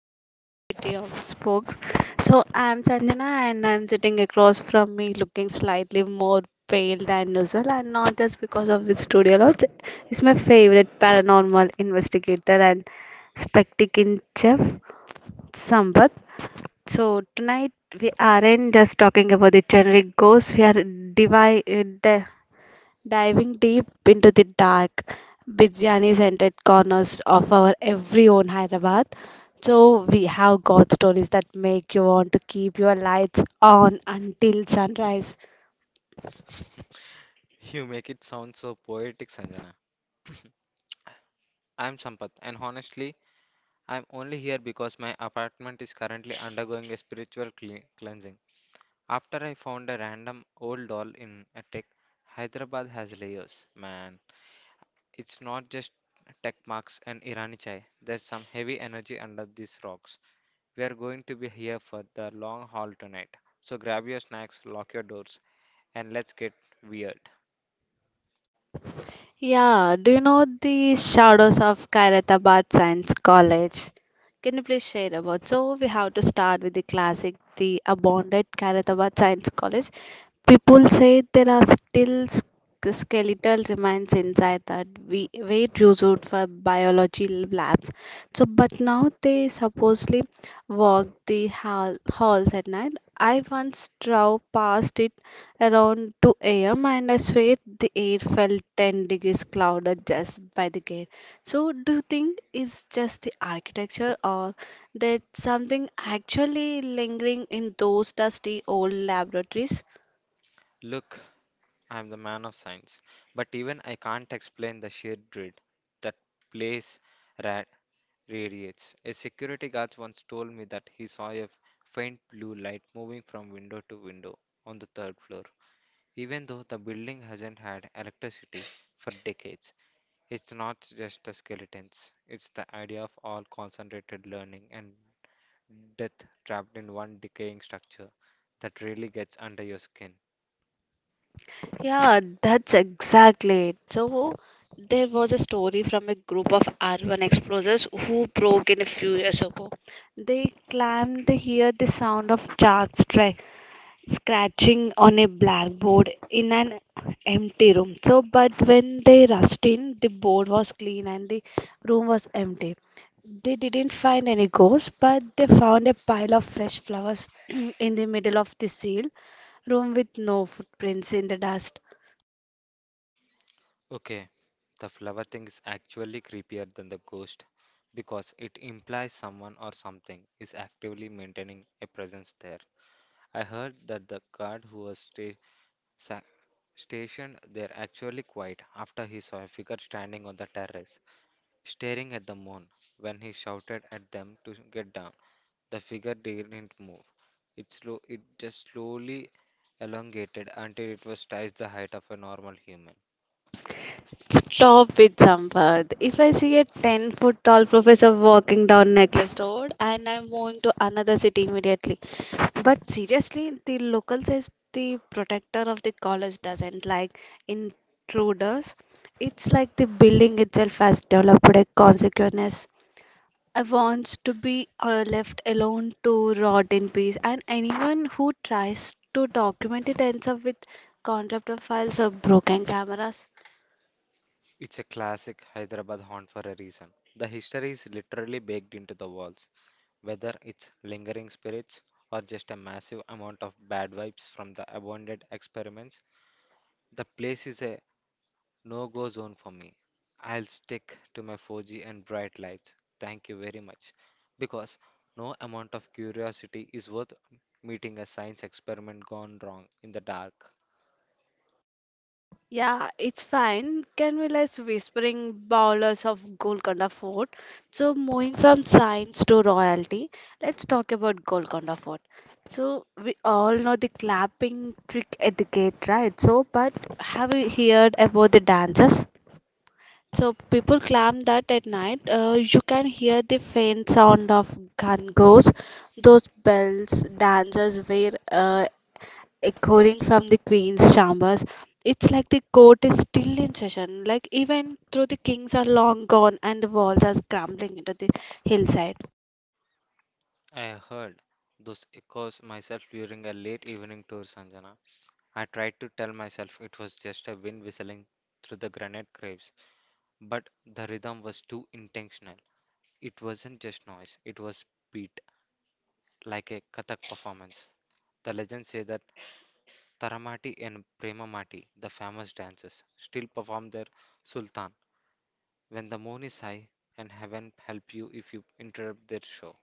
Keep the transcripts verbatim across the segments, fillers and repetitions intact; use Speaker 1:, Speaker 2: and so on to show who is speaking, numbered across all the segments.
Speaker 1: night shift of City of Spokes. So I'm Sanjana and I'm sitting across from me looking slightly more pale than usual and not just because of the studio lot. It's my favorite paranormal investigator and spectacular chef, Sambat. So tonight we aren't just talking about the generic ghosts, we are divi- uh, di- diving deep into the dark biryani scented corners of our every own Hyderabad. So, we have got stories that make you want to keep your lights on until sunrise.
Speaker 2: You make it sound so poetic, Sanjana. I'm Sampath, and honestly, I'm only here because my apartment is currently undergoing a spiritual cle- cleansing. After I found a random old doll in a tech, Hyderabad has layers, man. It's not just tech marks and Irani chai. There's some heavy energy under these rocks. We are going to be here for the long haul tonight. So grab your snacks, lock your doors, and let's get weird.
Speaker 1: Yeah, do you know the shadows of Khairatabad Science College? Can you please share about? So we have to start with the classic, the abandoned Khairatabad Science College. People say there are still sk- skeletal remains inside that we wait used for biology labs, so but now they supposedly walk the hall, halls at night. I once drove past it around two a m and I swear the air felt ten degrees clouded just by the gate. So, do you think it's just the architecture or there's something actually lingering in those dusty old laboratories?
Speaker 2: Look. I'm the man of science, but even I can't explain the sheer dread that place ra- radiates. A security guard once told me that he saw a faint blue light moving from window to window on the third floor. Even though the building hasn't had electricity for decades, it's not just the skeletons, it's the idea of all concentrated learning and death trapped in one decaying structure that really gets under your skin.
Speaker 1: Yeah, that's exactly it. So there was a story from a group of R one explorers who broke in a few years ago. They claimed they hear the sound of sharks try scratching on a blackboard in an empty room. So, but when they rushed in, the board was clean and the room was empty. They didn't find any ghosts, but they found a pile of fresh flowers in the middle of the sealed room with no footprints in the dust.
Speaker 2: Okay, the flower thing is actually creepier than the ghost because it implies someone or something is actively maintaining a presence there. I heard that the guard who was sta- sa- stationed there actually quite after he saw a figure standing on the terrace, staring at the moon. When he shouted at them to get down, the figure didn't move. It slow, it just slowly elongated until it was twice the height of a normal human.
Speaker 1: Stop it, Sampath. If I see a ten foot tall professor walking down Necklace Road and I'm moving to another city immediately. But seriously, the local says the protector of the college doesn't like intruders. It's like the building itself has developed a consequence. I wants to be uh, left alone to rot in peace, and anyone who tries to document it ends up with contempt of files or broken cameras.
Speaker 2: It's a classic Hyderabad haunt for a reason. The history is literally baked into the walls, whether it's lingering spirits or just a massive amount of bad vibes from the abandoned experiments. The place is a no-go zone for me. I'll stick to my four G and bright lights. Thank you very much. Because no amount of curiosity is worth meeting a science experiment gone wrong in the dark.
Speaker 1: Yeah, it's fine. Can we let's whispering bowlers of Golconda Fort? So moving from science to royalty, let's talk about Golconda Fort. So we all know the clapping trick at the gate, right? So, but have you heard about the dances? So people claim that at night uh, you can hear the faint sound of gun goes, those bells dancers wear, uh, echoing from the queen's chambers. It's like the court is still in session, like even though the kings are long gone and the walls are crumbling into the hillside.
Speaker 2: I heard those echoes myself during a late evening tour, Sanjana. I tried to tell myself it was just a wind whistling through the granite graves, but the rhythm was too intentional. It wasn't just noise, it was beat, like a Kathak performance. The legends say that Taramati and Premamati, the famous dancers, still perform their Sultan when the moon is high and heaven help you if you interrupt their show.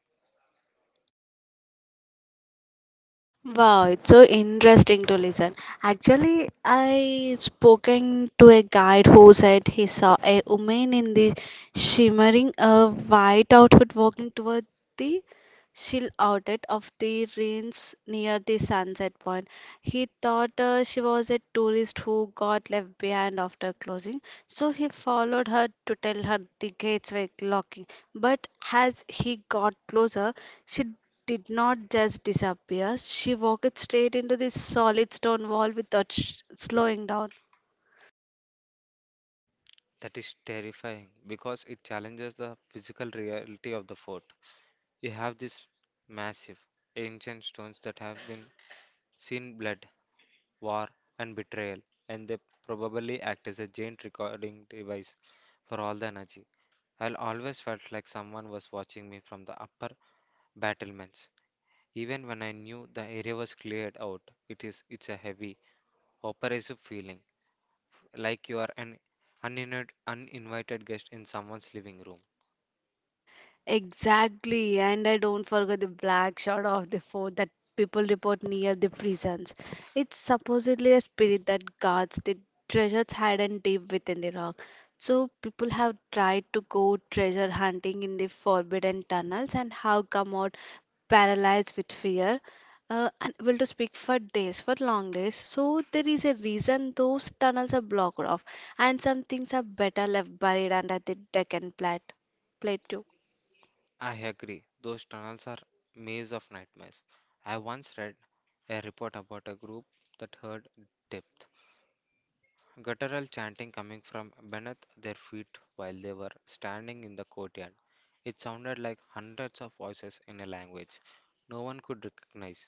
Speaker 1: Wow, it's so interesting to listen. Actually, I spoken to a guide who said he saw a woman in the shimmering a white outfit walking toward the chill outlet of the range near the sunset point. He thought uh, she was a tourist who got left behind after closing, so he followed her to tell her the gates were locking. But as he got closer, she did not just disappear, she walked straight into this solid stone wall without sh- slowing down.
Speaker 2: That is terrifying because it challenges the physical reality of the fort. You have these massive, ancient stones that have been seen blood, war, and betrayal, and they probably act as a giant recording device for all the energy. I always felt like someone was watching me from the upper battlements. Even when I knew the area was cleared out, it is it's a heavy, oppressive feeling, like you are an uninvited, uninvited guest in someone's living room.
Speaker 1: Exactly, and I don't forget the black shard of the fort that people report near the prisons. It's supposedly a spirit that guards the treasures hidden deep within the rock. So people have tried to go treasure hunting in the forbidden tunnels and have come out paralyzed with fear, uh, unable to speak for days, for long days. So there is a reason those tunnels are blocked off, and some things are better left buried under the Deccan plat- plateau.
Speaker 2: I agree. Those tunnels are maze of nightmares. I once read a report about a group that heard depth guttural chanting coming from beneath their feet while they were standing in the courtyard. It sounded like hundreds of voices in a language no one could recognize,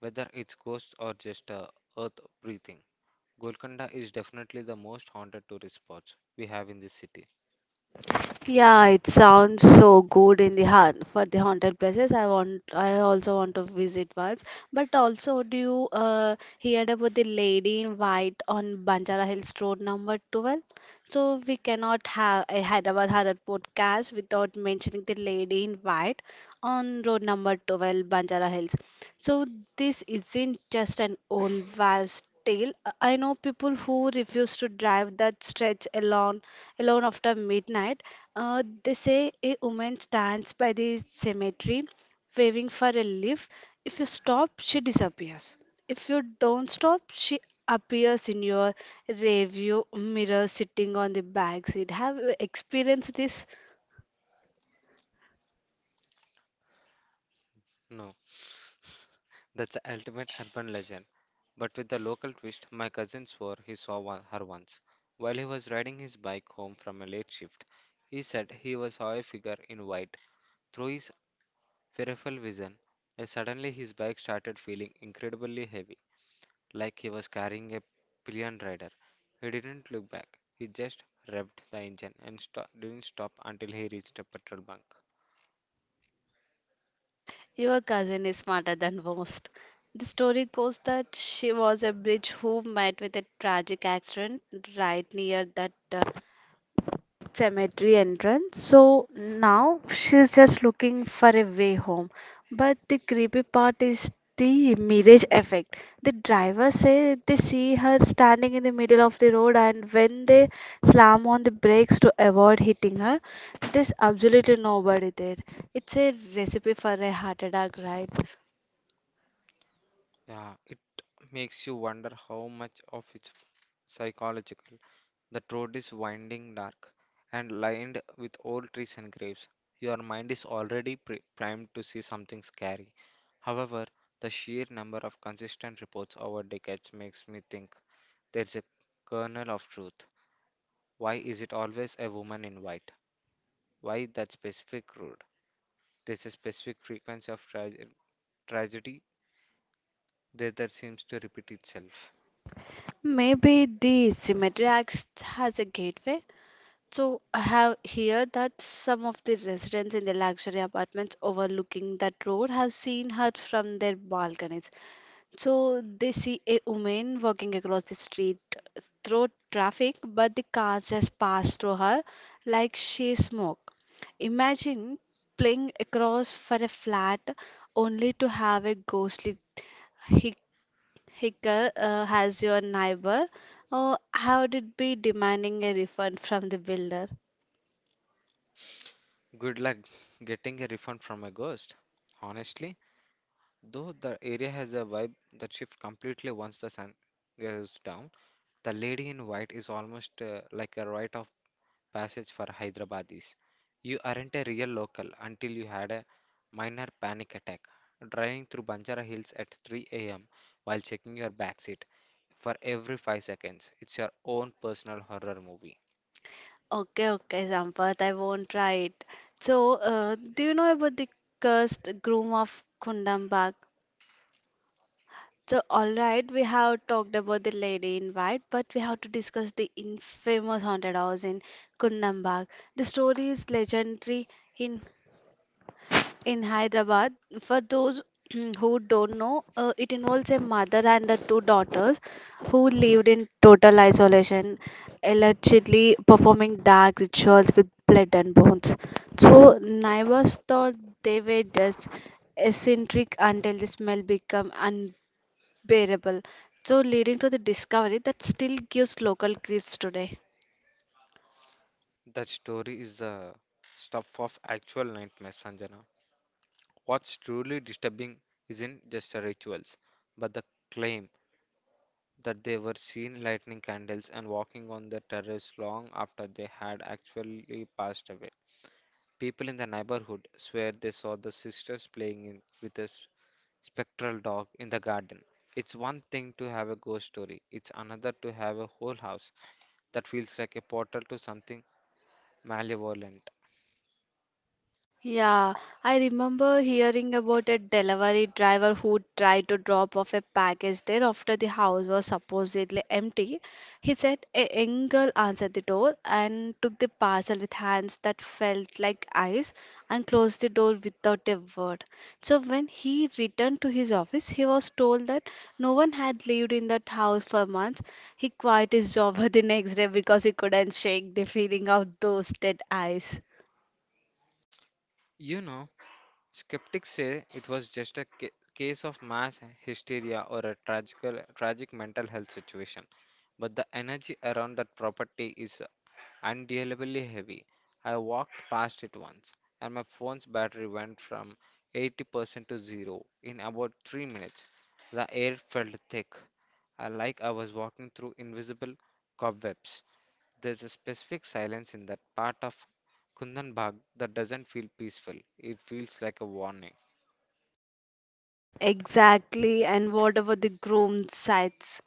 Speaker 2: whether it's ghosts or just uh, earth breathing. Golconda is definitely the most haunted tourist spot we have in this city.
Speaker 1: Yeah, it sounds so good in the hunt for the haunted places. I want, I also want to visit once. But also, do you uh, heard about the lady in white on Banjara Hills Road number twelve? So we cannot have a Hyderabad Horror podcast without mentioning the lady in white on road number twelve, Banjara Hills. So this isn't just an old wives' tale. I know people who refuse to drive that stretch alone alone after midnight. Uh, they say a woman stands by the cemetery waving for a lift. If you stop, she disappears. If you don't stop, she appears in your rearview mirror sitting on the back seat. Have you experienced this?
Speaker 2: No, that's the ultimate urban legend. But with the local twist, my cousin swore he saw one, her once. While he was riding his bike home from a late shift, he said he was saw a figure in white. Through his peripheral vision, uh, suddenly his bike started feeling incredibly heavy, like he was carrying a pillion rider. He didn't look back. He just revved the engine and sto- didn't stop until he reached a petrol bunk.
Speaker 1: Your cousin is smarter than most. The story goes that she was a bridge who met with a tragic accident right near that uh, cemetery entrance. So now she's just looking for a way home. But the creepy part is the mirage effect. The driver say they see her standing in the middle of the road and when they slam on the brakes to avoid hitting her, there's absolutely nobody there. It's a recipe for a heart attack, right?
Speaker 2: Yeah, it makes you wonder how much of it's psychological. The road is winding dark and lined with old trees and graves. Your mind is already pre primed to see something scary. However, the sheer number of consistent reports over decades makes me think there's a kernel of truth. Why is it always a woman in white? Why that specific road? There's a specific frequency of tra tragedy that, that seems to repeat itself.
Speaker 1: Maybe the cemetery acts as a gateway. So I have here that some of the residents in the luxury apartments overlooking that road have seen her from their balconies. So they see a woman walking across the street through traffic, but the cars just pass through her like she smoke. Imagine playing across for a flat only to have a ghostly hic- hicker uh, as your neighbor, or how did be demanding a refund from the builder?
Speaker 2: Good luck getting a refund from a ghost. Honestly, though the area has a vibe that shifts completely once the sun goes down, the lady in white is almost uh, like a rite of passage for Hyderabadis. You aren't a real local until you had a minor panic attack driving through Banjara Hills at three a m while checking your backseat for every five seconds. It's your own personal horror movie.
Speaker 1: Okay, okay, Sampath, I won't try it. So, uh, do you know about the cursed groom of Kundam? So, all right, we have talked about the lady in white, but we have to discuss the infamous haunted house in Kundam. The story is legendary in in Hyderabad. For those who don't know, uh, it involves a mother and the two daughters who lived in total isolation, allegedly performing dark rituals with blood and bones. So neighbors thought they were just eccentric until the smell became unbearable. So leading to the discovery that still gives local creeps today.
Speaker 2: That story is the stuff of actual nightmares, Sanjana. What's truly disturbing isn't just the rituals, but the claim that they were seen lighting candles and walking on the terrace long after they had actually passed away. People in the neighborhood swear they saw the sisters playing in, with a s- spectral dog in the garden. It's one thing to have a ghost story, it's another to have a whole house that feels like a portal to something malevolent.
Speaker 1: Yeah, I remember hearing about a delivery driver who tried to drop off a package there after the house was supposedly empty. He said a young girl answered the door and took the parcel with hands that felt like ice and closed the door without a word. So when he returned to his office, he was told that no one had lived in that house for months. He quit his job the next day because he couldn't shake the feeling of those dead eyes.
Speaker 2: You know, Skeptics say it was just a ca- case of mass hysteria or a tragical, tragic mental health situation, but the energy around that property is undealably heavy. I walked past it once, and my phone's battery went from eighty percent to zero in about three minutes. The air felt thick, uh, like I was walking through invisible cobwebs. There's a specific silence in that part of Kundanbag that doesn't feel peaceful. It feels like a warning.
Speaker 1: Exactly, and whatever the groom sites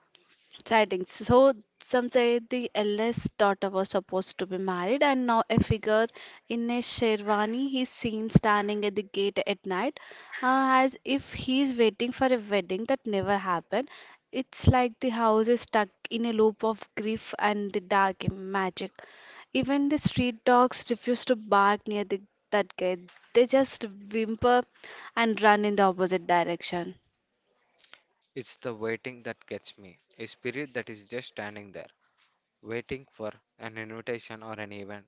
Speaker 1: sightings. So some say the eldest daughter was supposed to be married, and now a figure in a sherwani is seen standing at the gate at night, uh, as if he is waiting for a wedding that never happened. It's like the house is stuck in a loop of grief and the dark magic. Even the street dogs refuse to bark near the, that gate. They just whimper and run in the opposite direction.
Speaker 2: It's the waiting that gets me. A spirit that is just standing there, waiting for an invitation or an event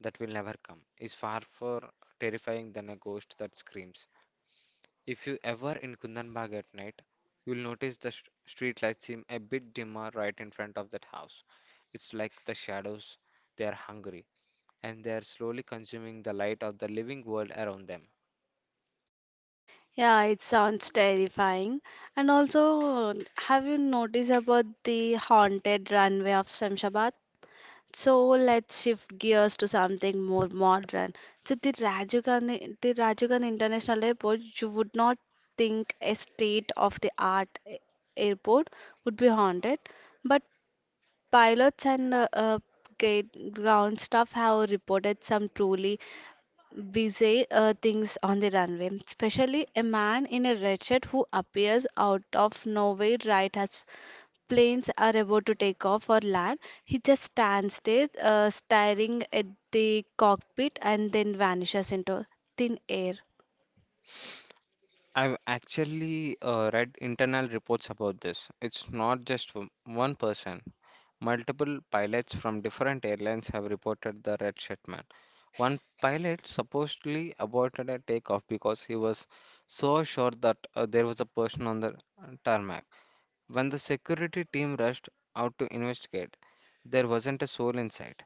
Speaker 2: that will never come, is far more terrifying than a ghost that screams. If you ever in Kundanbag at night, you'll notice the sh- street lights seem a bit dimmer right in front of that house. It's like the shadows, they are hungry, and they are slowly consuming the light of the living world around them.
Speaker 1: Yeah, it sounds terrifying. And also, have you noticed about the haunted runway of Shamshabad? So let's shift gears to something more modern. So the Rajiv Gandhi, the Rajiv Gandhi International Airport, you would not think a state-of-the-art a- airport would be haunted, but pilots and uh, uh, gate ground staff have reported some truly Busy uh, things on the runway, especially a man in a red shirt who appears out of nowhere right as planes are about to take off or land. He just stands there, uh, staring at the cockpit, and then vanishes into thin air.
Speaker 2: I've actually uh, read internal reports about this. It's not just w- one person. Multiple pilots from different airlines have reported the red shirt man. One pilot supposedly aborted a takeoff because he was so sure that uh, there was a person on the uh, tarmac. When the security team rushed out to investigate, there wasn't a soul inside,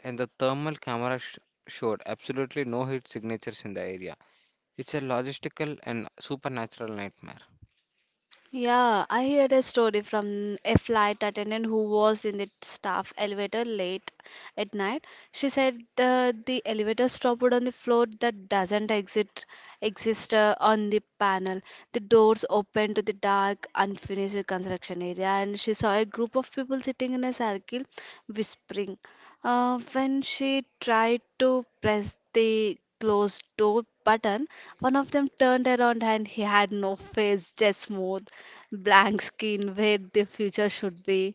Speaker 2: and the thermal camera sh- showed absolutely no heat signatures in the area. It's a logistical and supernatural nightmare.
Speaker 1: Yeah, I heard a story from a flight attendant who was in the staff elevator late at night. She said uh, the elevator stopped on the floor that doesn't exit exist uh, on the panel. The doors opened to the dark, unfinished construction area, and she saw a group of people sitting in a circle, whispering. Uh, when she tried to press the closed door button, one of them turned around and he had no face, just smooth, blank skin where the future should be.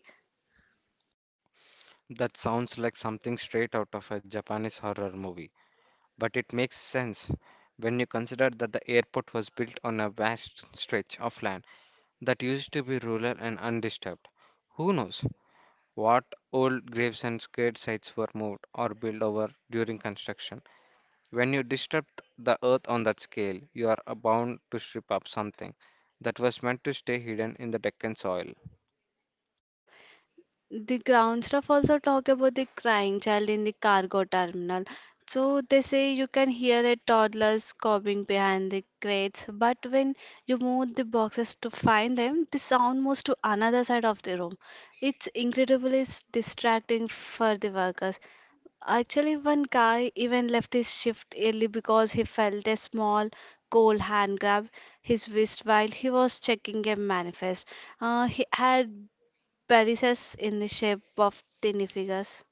Speaker 2: That sounds like something straight out of a Japanese horror movie, but it makes sense when you consider that the airport was built on a vast stretch of land that used to be rural and undisturbed. Who knows what old graves and scared sites were moved or built over during construction? When you disturb the earth on that scale, you are bound to strip up something that was meant to stay hidden in the Deccan soil.
Speaker 1: The ground staff also talk about the crying child in the cargo terminal. So they say you can hear a toddler sobbing behind the crates, but when you move the boxes to find them, the sound moves to another side of the room. It's incredibly s- distracting for the workers. Actually, one guy even left his shift early because he felt a small, cold hand grab his wrist while he was checking a manifest. Uh, he had varices in the shape of tiny figures.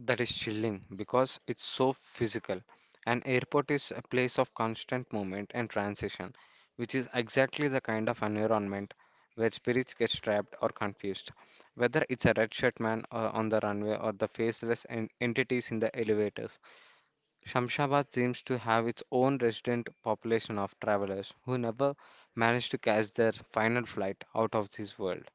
Speaker 2: That is chilling because it's so physical. An airport is a place of constant movement and transition, which is exactly the kind of environment where spirits get trapped or confused. Whether it's a red shirt man uh, on the runway or the faceless en- entities in the elevators, Shamshabad seems to have its own resident population of travelers who never manage to catch their final flight out of this world.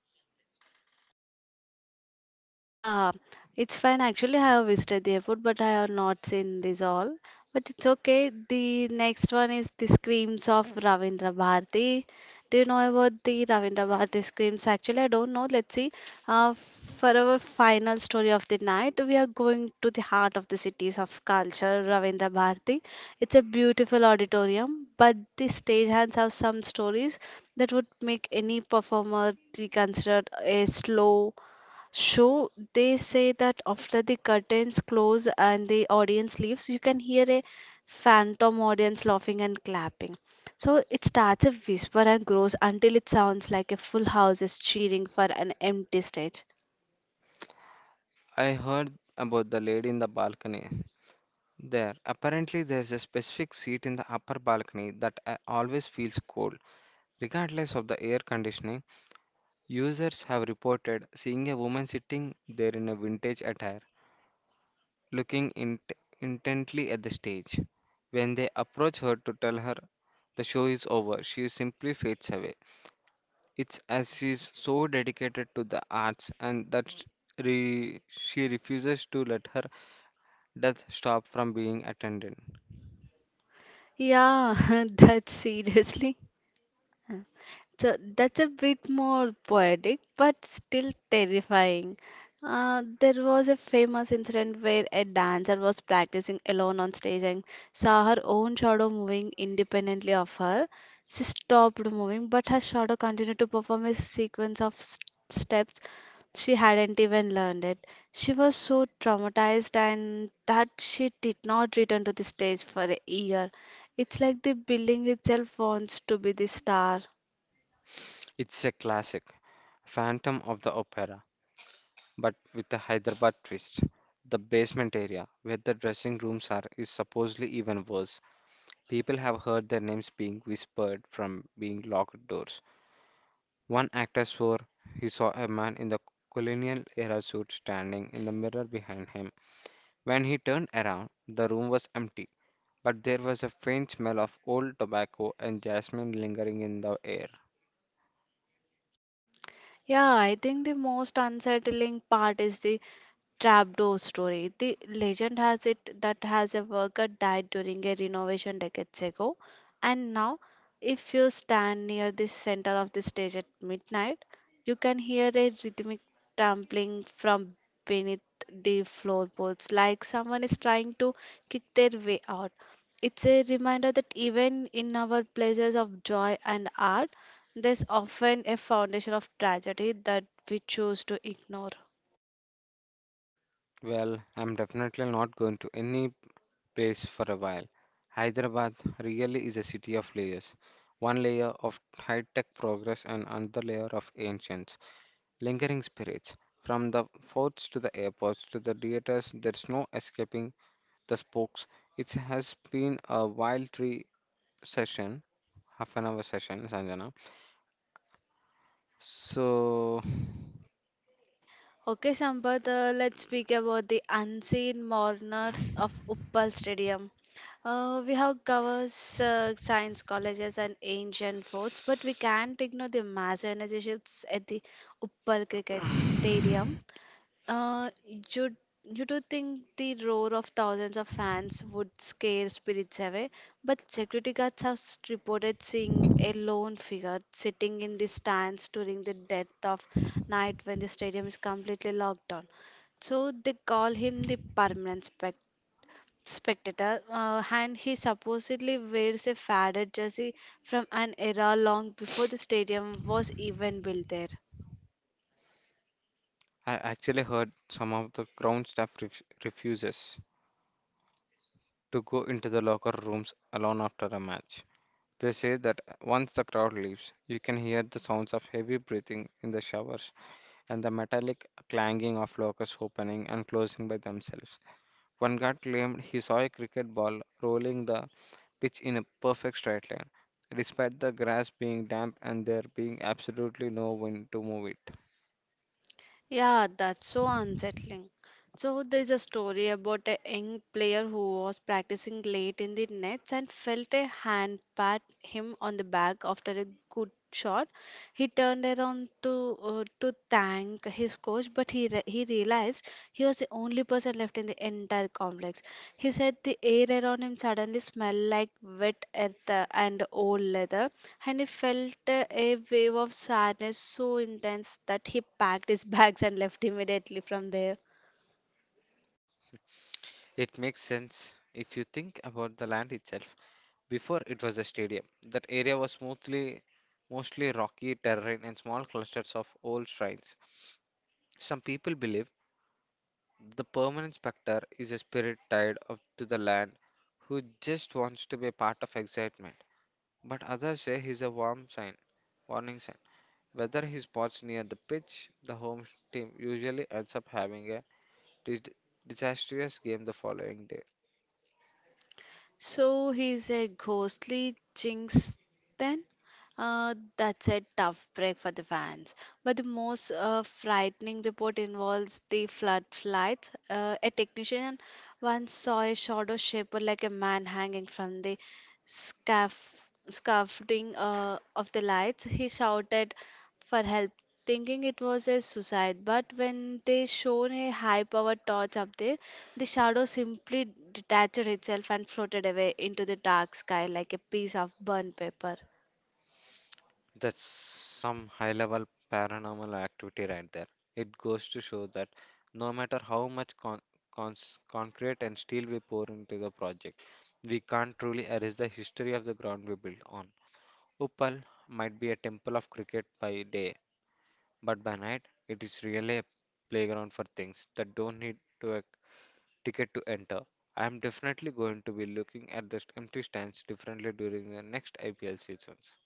Speaker 1: Yeah, it's fine. Actually, I have visited the airport, but I have not seen this all. But it's okay. The next one is the screams of Ravindra Bharati. Do you know about the Ravindra Bharati screams? Actually, I don't know. Let's see. Uh, for our final story of the night, we are going to the heart of the cities of culture, Ravindra Bharati. It's a beautiful auditorium, but the stagehands have some stories that would make any performer reconsider a slow show. They say that after the curtains close and the audience leaves, you can hear a phantom audience laughing and clapping. So it starts a whisper and grows until it sounds like a full house is cheering for an empty stage.
Speaker 2: I heard about the lady in the balcony there. Apparently, there's a specific seat in the upper balcony that uh, always feels cold. Regardless of the air conditioning, users have reported seeing a woman sitting there in a vintage attire looking int- intently at the stage. When they approach her to tell her the show is over, she simply fades away. It's as she's so dedicated to the arts and that sh- re- she refuses to let her death stop from being attended.
Speaker 1: Yeah, that's seriously So that's a bit more poetic, but still terrifying. Uh, there was a famous incident where a dancer was practicing alone on stage and saw her own shadow moving independently of her. She stopped moving, but her shadow continued to perform a sequence of s- steps she hadn't even learned it. She was so traumatized and that she did not return to the stage for a year. It's like the building itself wants to be the star.
Speaker 2: It's a classic, Phantom of the Opera, but with a Hyderabad twist. The basement area, where the dressing rooms are, is supposedly even worse. People have heard their names being whispered from being locked doors. One actor swore he saw a man in the colonial era suit standing in the mirror behind him. When he turned around, the room was empty, but there was a faint smell of old tobacco and jasmine lingering in the air.
Speaker 1: Yeah, I think the most unsettling part is the trapdoor story. The legend has it that has a worker died during a renovation decades ago, and now, if you stand near the center of the stage at midnight, you can hear a rhythmic trampling from beneath the floorboards, like someone is trying to kick their way out. It's a reminder that even in our places of joy and art, there's often a foundation of tragedy that we choose to ignore.
Speaker 2: Well, I'm definitely not going to any place for a while. Hyderabad really is a city of layers. One layer of high tech progress and another layer of ancients. Lingering spirits. From the forts to the airports to the theaters, there's no escaping the spokes. It has been a wild tree session, half an hour session, Sanjana. So
Speaker 1: Okay, okay, Sampath, uh, let's speak about the unseen mourners of Uppal Stadium. Uh, we have covers uh, science colleges and ancient forts, but we can't ignore the massive energy shifts at the Uppal Cricket Stadium. Uh, you you do think the roar of thousands of fans would scare spirits away, but security guards have s- reported seeing a lone figure sitting in the stands during the death of night when the stadium is completely locked down. So they call him the permanent spec spectator, uh, and he supposedly wears a faded jersey from an era long before the stadium was even built there.
Speaker 2: I actually heard some of the ground staff ref- refuses to go into the locker rooms alone after a match. They say that once the crowd leaves, you can hear the sounds of heavy breathing in the showers and the metallic clanging of lockers opening and closing by themselves. One guard claimed he saw a cricket ball rolling the pitch in a perfect straight line, despite the grass being damp and there being absolutely no wind to move it.
Speaker 1: Yeah, that's so unsettling. So there's a story about a young player who was practicing late in the nets and felt a hand pat him on the back after a good shot. He turned around to uh, to thank his coach, but he re he realized he was the only person left in the entire complex. He said the air around him suddenly smelled like wet earth uh, and old leather, and he felt uh, a wave of sadness so intense that he packed his bags and left immediately from there.
Speaker 2: It makes sense if you think about the land itself. Before it was a stadium, that area was mostly mostly rocky terrain and small clusters of old shrines. Some people believe the permanent specter is a spirit tied of to the land who just wants to be a part of excitement. But others say he's a warm sign, warning sign. Whether he spots near the pitch, the home sh- team usually ends up having a dis- disastrous game the following day.
Speaker 1: So he's a ghostly jinx then? Uh, that's a tough break for the fans. But the most uh, frightening report involves the floodlights. Uh, a technician once saw a shadow shape or like a man hanging from the scaff- scaffolding uh, of the lights. He shouted for help, thinking it was a suicide. But when they shone a high-powered torch up there, the shadow simply detached itself and floated away into the dark sky like a piece of burnt paper.
Speaker 2: That's some high level paranormal activity right there. It goes to show that no matter how much con- cons- concrete and steel we pour into the project, we can't truly erase the history of the ground we built on. Uppal might be a temple of cricket by day, but by night, it is really a playground for things that don't need to a ticket to enter. I am definitely going to be looking at the empty stands differently during the next I P L seasons.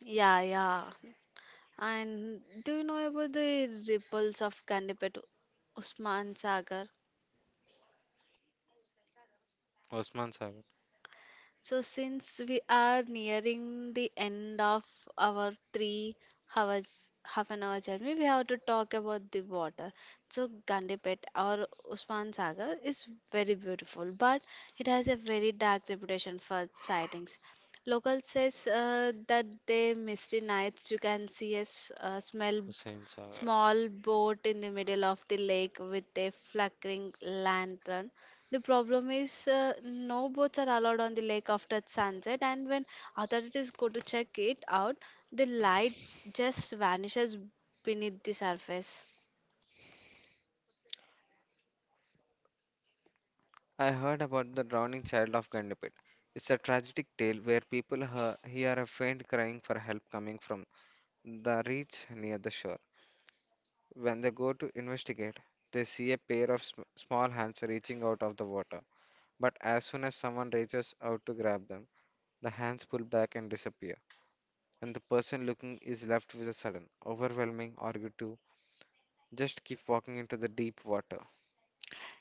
Speaker 1: Yeah, yeah. And do you know about the ripples of Gandipet Usman Sagar?
Speaker 2: Osman Sagar,
Speaker 1: So, since we are nearing the end of our three hours, half an hour journey, we have to talk about the water. So, Gandipet or Usman Sagar is very beautiful, but it has a very dark reputation for sightings. Local says uh, that the misty nights you can see a s- a smell
Speaker 2: Hussein Sagar.
Speaker 1: small boat in the middle of the lake with a flickering lantern. The problem is uh, no boats are allowed on the lake after sunset, and when authorities go to check it out, the light just vanishes beneath the surface.
Speaker 2: I heard about the drowning child of Gandipet. It's a tragic tale where people hear, hear a faint crying for help coming from the reach near the shore. When they go to investigate, they see a pair of sm- small hands reaching out of the water. But as soon as someone reaches out to grab them, the hands pull back and disappear, and the person looking is left with a sudden, overwhelming urge to just keep walking into the deep water.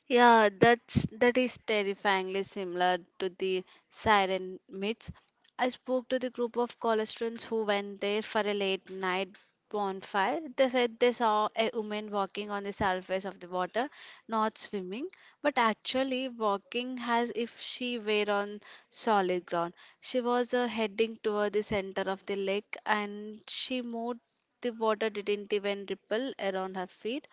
Speaker 1: Yeah, that's that is terrifyingly similar to the siren myths. I spoke to the group of college students who went there for a late night bonfire. They said they saw a woman walking on the surface of the water, not swimming, but actually walking as if she were on solid ground. She was uh, heading toward the center of the lake and she moved the water didn't even ripple around her feet.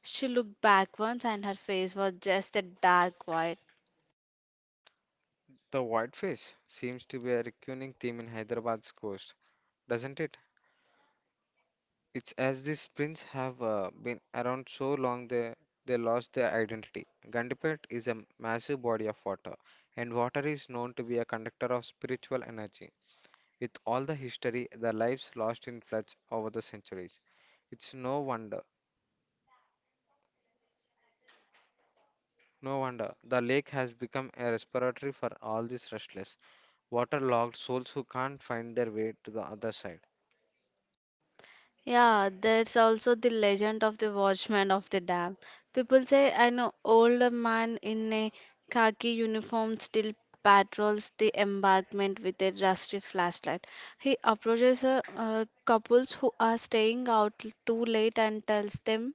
Speaker 1: She looked back once and her face was just a dark void.
Speaker 2: The whitefish seems to be a recurring theme in Hyderabad's coast, doesn't it? It's as these prints have uh, been around so long they they lost their identity. Gandipet is a massive body of water, and water is known to be a conductor of spiritual energy. With all the history, the lives lost in floods over the centuries, it's no wonder, no wonder the lake has become a respiratory for all these restless, waterlogged souls who can't find their way to the other side.
Speaker 1: Yeah, there's also the legend of the watchman of the dam. People say an old man in a khaki uniform still patrols the embankment with a rusty flashlight. He approaches uh, uh, couples who are staying out too late and tells them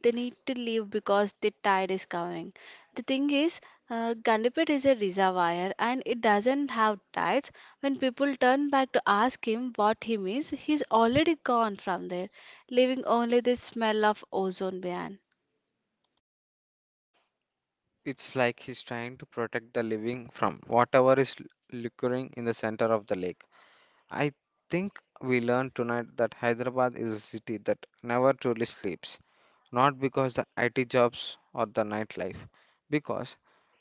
Speaker 1: they need to leave because the tide is coming. The thing is, uh, Gandipet is a reservoir and it doesn't have tides. When people turn back to ask him what he means, he's already gone from there, leaving only the smell of ozone behind.
Speaker 2: It's like he's trying to protect the living from whatever is l- lurking in the center of the lake. I think we learned tonight that Hyderabad is a city that never truly sleeps, not because the I T jobs or the nightlife, because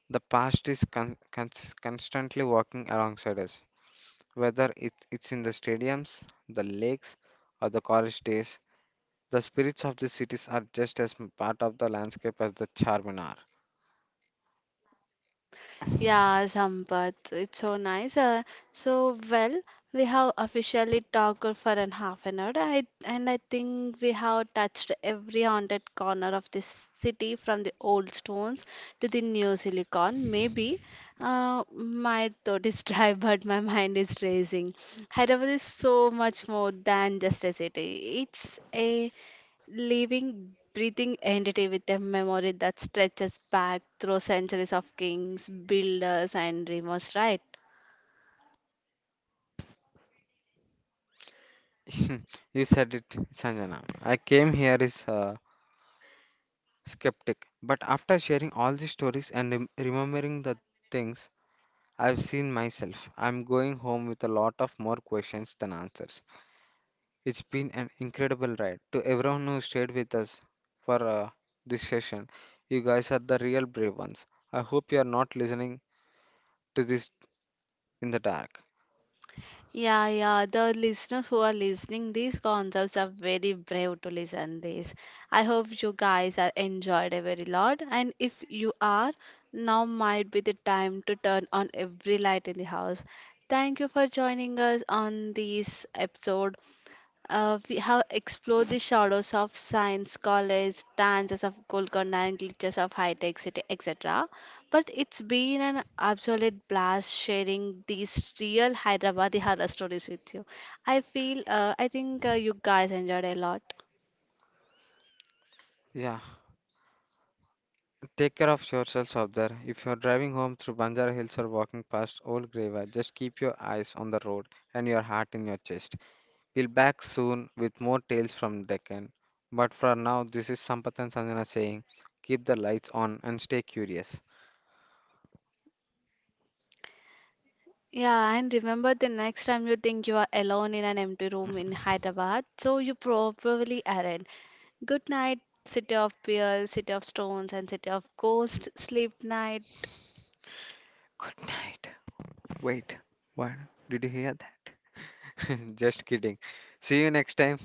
Speaker 2: the past is con- cons- constantly walking alongside us. Whether it, it's in the stadiums, the lakes, or the college days, the spirits of the cities are just as m- part of the landscape as the Charminar.
Speaker 1: Yeah, Sampath, it's so nice. Uh, so well, we have officially talked for an half an hour, I, and I think we have touched every haunted corner of this city, from the old stones to the new silicon. Maybe uh, my thought is dry, but my mind is racing. Hyderabad is so much more than just a city. It's a living, breathing entity with a memory that stretches back through centuries of kings, builders, and dreamers, right?
Speaker 2: You said it, Sanjana. I came here is uh, skeptic, but after sharing all these stories and rem- remembering the things I've seen myself, I'm going home with a lot of more questions than answers. It's been an incredible ride. To everyone who stayed with us for uh, this session, you guys are the real brave ones. I hope you are not listening to this in the dark.
Speaker 1: Yeah, yeah. The listeners who are listening, these concepts are very brave to listen this. I hope you guys are enjoyed a very lot. And if you are, now might be the time to turn on every light in the house. Thank you for joining us on this episode. Uh, we have explored the shadows of science, college, dances of Golconda, and glitches of high-tech city, et cetera. But it's been an absolute blast sharing these real Hyderabadi horror stories with you. I feel, uh, I think uh, you guys enjoyed a lot.
Speaker 2: Yeah, take care of yourselves out there. If you're driving home through Banjara Hills or walking past Old Graveyard, just keep your eyes on the road and your heart in your chest. We'll back soon with more tales from Deccan. But for now, this is Sampath and Sanjana saying, keep the lights on and stay curious.
Speaker 1: Yeah, and remember the next time you think you are alone in an empty room in Hyderabad, so you probably aren't. Good night, city of pearls, city of stones, and city of ghosts. Sleep night.
Speaker 2: Good night. Wait, what? Did you hear that? Just kidding. See you next time.